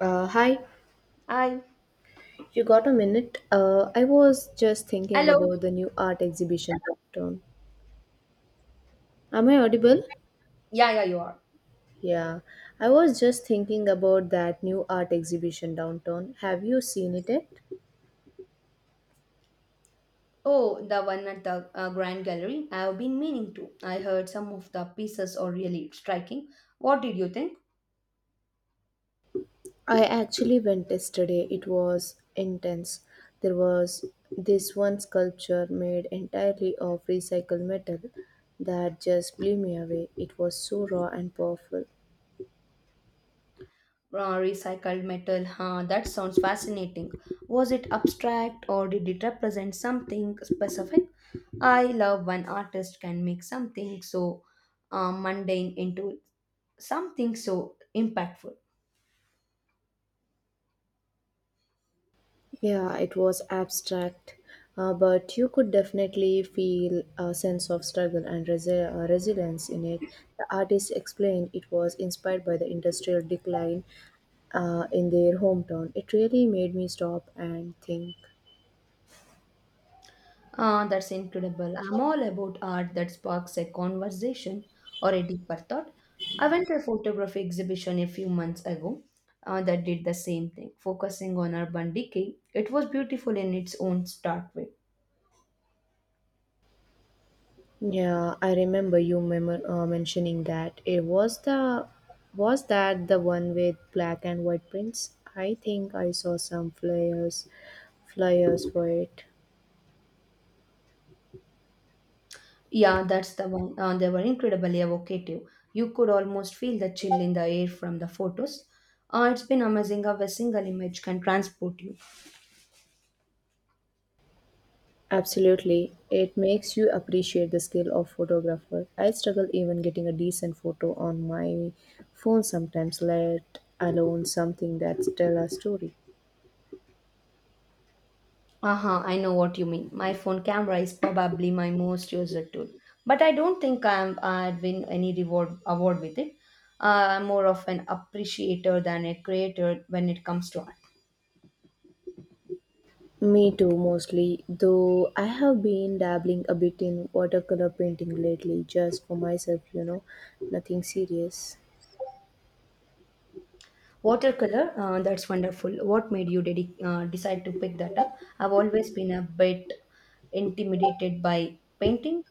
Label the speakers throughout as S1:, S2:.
S1: Uh, hi,
S2: Hi.
S1: you got a minute? I was just thinking
S2: Hello.
S1: about the new art exhibition downtown. Am I audible?
S2: Yeah, yeah, you are.
S1: Yeah, I was just thinking about that new art exhibition downtown. Have you seen it yet?
S2: Oh, the one at the Grand Gallery. I've been meaning to. I heard some of the pieces are really striking. What did you think?
S1: I actually went yesterday. It was intense. There was this one sculpture made entirely of recycled metal that just blew me away. It was so raw and powerful.
S2: Recycled metal, huh? That sounds fascinating. Was it abstract or did it represent something specific? I love when artists can make something so mundane into something so impactful.
S1: Yeah, it was abstract, but you could definitely feel a sense of struggle and resilience in it. The artist explained it was inspired by the industrial decline in their hometown. It really made me stop and think.
S2: Ah, that's incredible. I'm all about art that sparks a conversation or a deeper thought. I went to a photography exhibition a few months ago that did the same thing, focusing on urban decay. It was beautiful in its own start way.
S1: Yeah, I remember you mentioning that. It was the Was that the one with black and white prints? I think I saw some flyers for it.
S2: Yeah, that's the one. They were incredibly evocative. You could almost feel the chill in the air from the photos. It's been amazing how a single image can transport you.
S1: Absolutely. It makes you appreciate the skill of photographer. I struggle even getting a decent photo on my phone sometimes, let alone something that tell a story.
S2: Uh-huh, I know what you mean. My phone camera is probably my most used tool, but I don't think I'd win any reward award with it. I'm more of an appreciator than a creator when it comes to art.
S1: Me too, mostly, though I have been dabbling a bit in watercolor painting lately, just for myself, nothing serious.
S2: Watercolor, that's wonderful. What made you decide to pick that up? I've always been a bit intimidated by painting.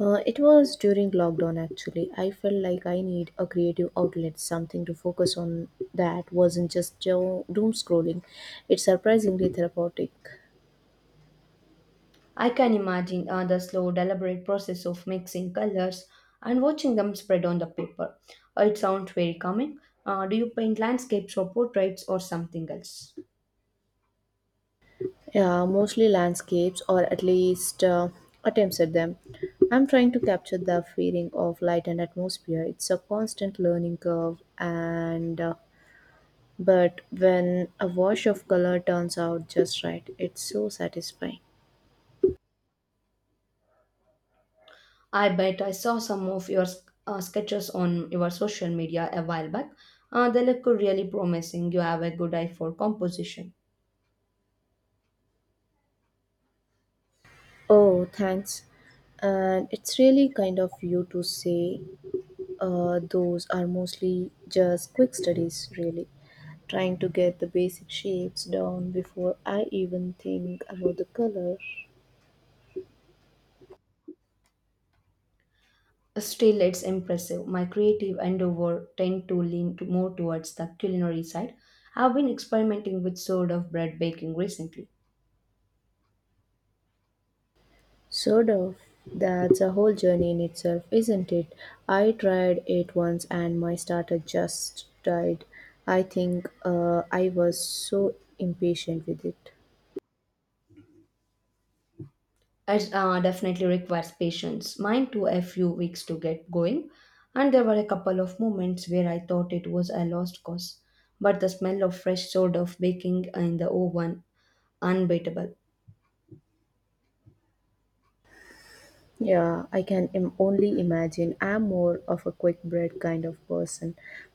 S1: It was during lockdown actually. I felt like I need a creative outlet, something to focus on that wasn't just doom scrolling. It's surprisingly therapeutic.
S2: I can imagine the slow, deliberate process of mixing colors and watching them spread on the paper. It sounds very calming. Do you paint landscapes or portraits or something else?
S1: Yeah, mostly landscapes or at least attempts at them. I'm trying to capture the feeling of light and atmosphere. It's a constant learning curve and but when a wash of color turns out just right, it's so satisfying.
S2: I bet I saw some of your sketches on your social media a while back. They look really promising. You have a good eye for composition.
S1: Oh, thanks. And it's really kind of you to say those are mostly just quick studies, really. Trying to get the basic shapes down before I even think about the color.
S2: Still, it's impressive. My creative endeavor tend to lean to more towards the culinary side. I've been experimenting with sort of bread baking recently.
S1: Sort of. That's a whole journey in itself, isn't it? I tried it once and my starter just died. I think I was so impatient with it.
S2: It definitely requires patience. Mine took a few weeks to get going, and there were a couple of moments where I thought it was a lost cause. But the smell of fresh sort of baking in the oven, unbeatable.
S1: Yeah, I can only imagine. I'm more of a quick bread kind of person.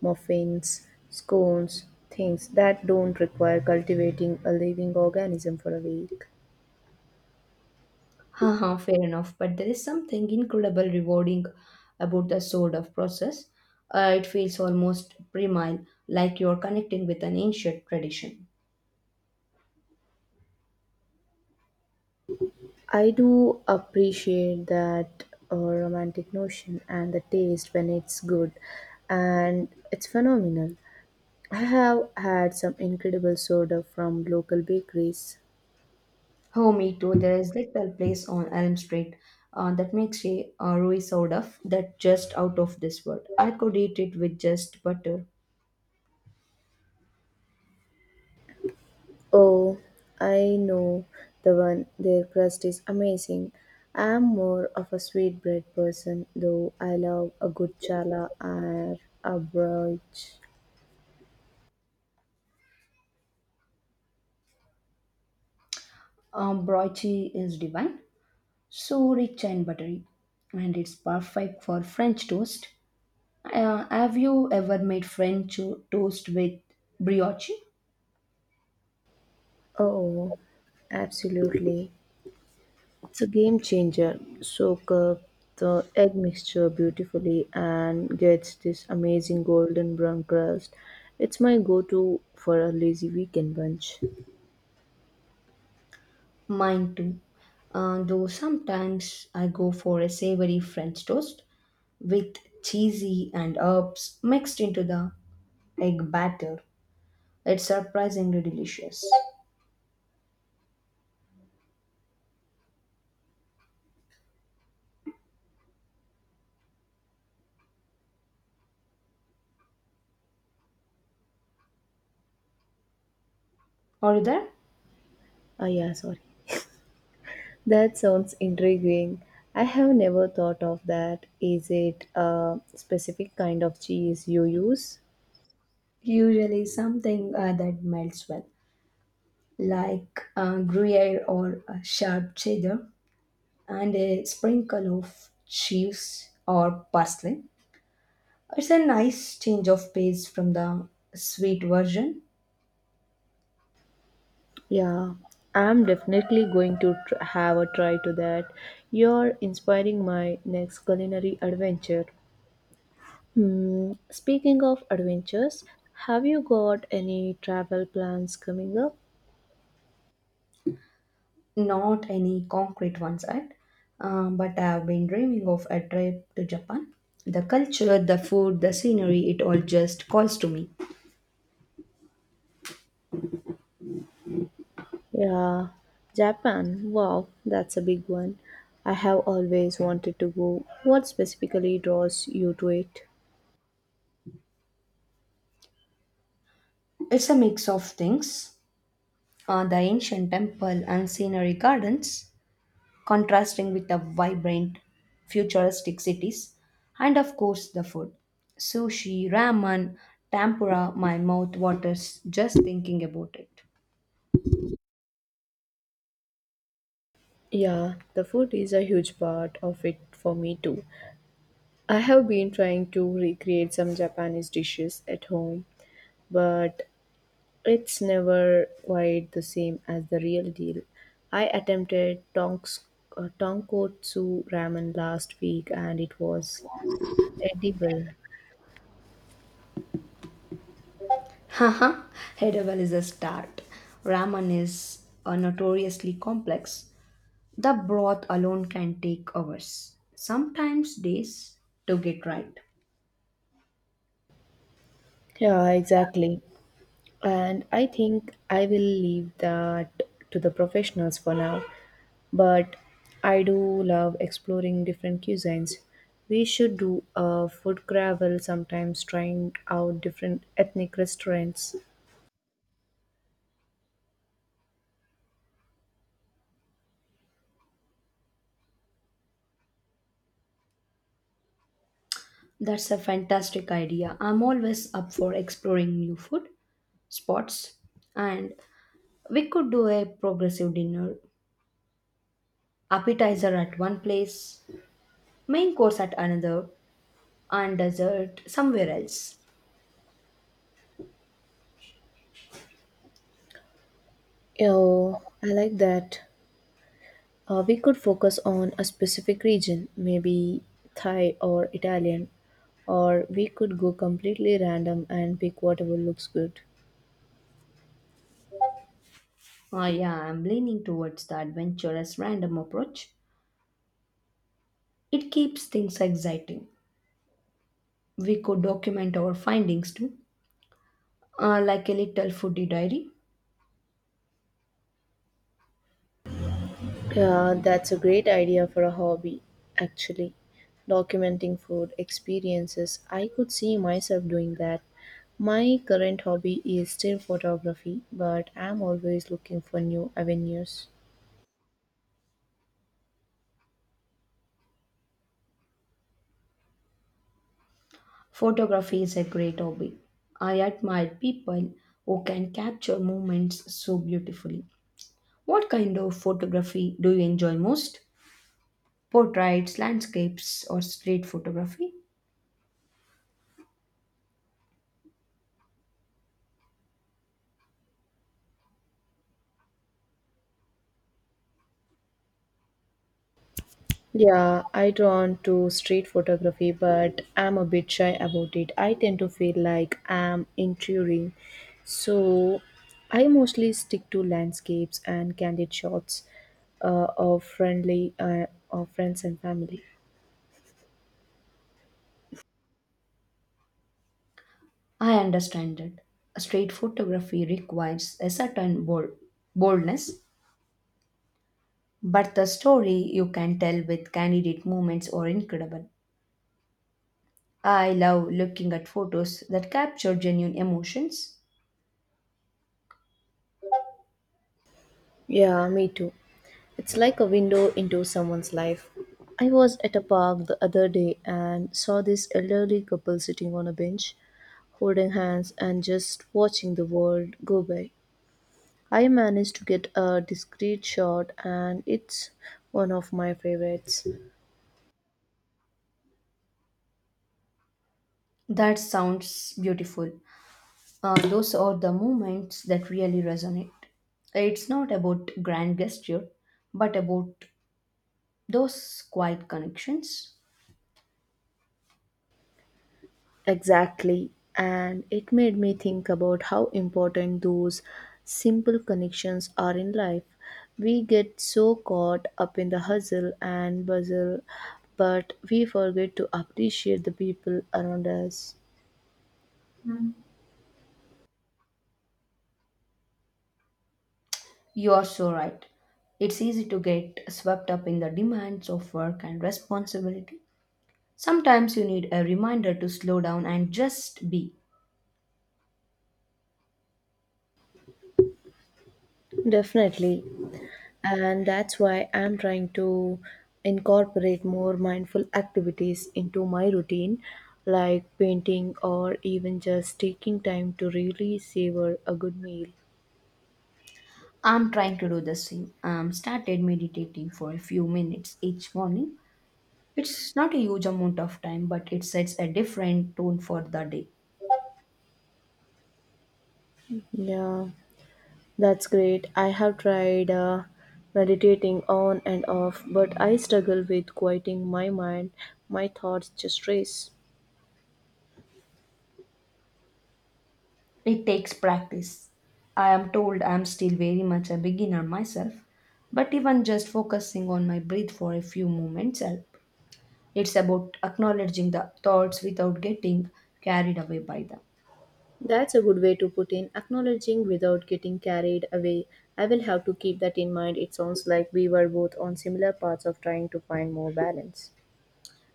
S1: Muffins, scones, things that don't require cultivating a living organism for a week.
S2: Haha, fair enough. But there is something incredible rewarding about the sort of process. It feels almost primal, like you're connecting with an ancient tradition.
S1: I do appreciate that romantic notion and the taste when it's good, and it's phenomenal. I have had some incredible soda from local bakeries.
S2: Oh, me too. There is little place on Elm Street that makes a Ruiz out of that just out of this world. I could eat it with just butter.
S1: Oh, I know the one. Their crust is amazing. I'm more of a sweetbread person, though I love a good challah or a brooch.
S2: Broichi is divine, so rich and buttery, and it's perfect for French toast. Have you ever made toast with brioche?
S1: Oh, absolutely. It's a game changer. Soak up the egg mixture beautifully and gets this amazing golden brown crust. It's my go to for a lazy weekend bunch.
S2: Mine too. Though sometimes I go for a savory French toast with cheesy and herbs mixed into the egg batter. It's surprisingly delicious. Are you there?
S1: Ah, yeah, sorry. That sounds intriguing. I have never thought of that. Is it a specific kind of cheese you use?
S2: Usually something that melts well, like Gruyere or a sharp cheddar, and a sprinkle of cheese or parsley. It's a nice change of pace from the sweet version,
S1: Yeah, I'm definitely going to have a try to that. You're inspiring my next culinary adventure. Hmm, speaking of adventures, have you got any travel plans coming up?
S2: not any concrete ones, right? But I've been dreaming of a trip to Japan. The culture, the food, the scenery, it all just calls to me.
S1: Yeah, Japan. Wow, that's a big one. I have always wanted to go. What specifically draws you to it?
S2: It's a mix of things. The ancient temple and scenery gardens, contrasting with the vibrant futuristic cities, and of course the food. Sushi, ramen, tempura, my mouth waters just thinking about it.
S1: Yeah, the food is a huge part of it for me too. I have been trying to recreate some Japanese dishes at home, but it's never quite the same as the real deal. I attempted tonkotsu ramen last week and it was edible.
S2: Haha, Hedewell is a start. Ramen is notoriously complex. The broth alone can take hours, sometimes days, to get right.
S1: Yeah, exactly. And I think I will leave that to the professionals for now. But I do love exploring different cuisines. We should do a food travel sometimes, trying out different ethnic restaurants.
S2: That's a fantastic idea. I'm always up for exploring new food spots, and we could do a progressive dinner appetizer at one place, main course at another, and dessert somewhere else.
S1: Oh, I like that. We could focus on a specific region, maybe Thai or Italian, or we could go completely random and pick whatever looks good.
S2: Ah, yeah, I'm leaning towards the adventurous random approach. It keeps things exciting. We could document our findings too, like a little foodie diary.
S1: Yeah, that's a great idea for a hobby, actually. Documenting food experiences. I could see myself doing that. My current hobby is still photography, but I'm always looking for new avenues.
S2: Photography is a great hobby. I admire people who can capture moments so beautifully. What kind of photography do you enjoy most? Portraits, landscapes, or street photography?
S1: Yeah, I drawn to street photography, but I'm a bit shy about it. I tend to feel like I'm intruding. So I mostly stick to landscapes and candid shots of friends and family.
S2: I understand that. Street photography requires a certain boldness, but the story you can tell with candid moments are incredible. I love looking at photos that capture genuine emotions.
S1: Yeah, me too. It's like a window into someone's life. I was at a park the other day and saw this elderly couple sitting on a bench, holding hands and just watching the world go by. I managed to get a discreet shot and it's one of my favorites.
S2: That sounds beautiful. Those are the moments that really resonate. It's not about grand gesture, but about those quiet connections.
S1: Exactly. And it made me think about how important those simple connections are in life. We get so caught up in the hustle and bustle, but we forget to appreciate the people around us.
S2: You are so right. It's easy to get swept up in the demands of work and responsibility. Sometimes you need a reminder to slow down and just be.
S1: Definitely. And that's why I'm trying to incorporate more mindful activities into my routine, like painting or even just taking time to really savor a good meal.
S2: I'm trying to do the same. I'm started meditating for a few minutes each morning. It's not a huge amount of time, but it sets a different tone for the day.
S1: Yeah. That's great. I have tried meditating on and off, but I struggle with quieting my mind. My thoughts just race.
S2: It takes practice. I am told I am still very much a beginner myself, but even just focusing on my breath for a few moments helps. It's about acknowledging the thoughts without getting carried away by them.
S1: That's a good way to put in acknowledging without getting carried away. I will have to keep that in mind. It sounds like we were both on similar paths of trying to find more balance.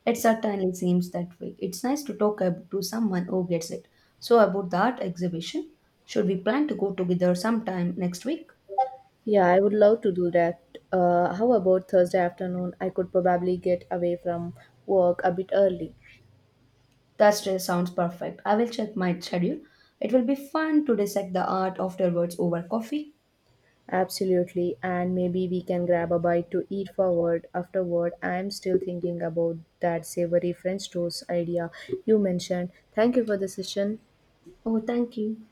S2: It certainly seems that way. It's nice to to someone who gets it. So about the art exhibition, should we plan to go together sometime next week?
S1: Yeah, I would love to do that. How about Thursday afternoon? I could probably get away from work a bit early.
S2: Thursday sounds perfect. I will check my schedule. It will be fun to dissect the art afterwards over coffee.
S1: Absolutely, and maybe we can grab a bite to eat forward afterward. I'm still thinking about that savory French toast idea you mentioned. Thank you for the session.
S2: Oh, thank you.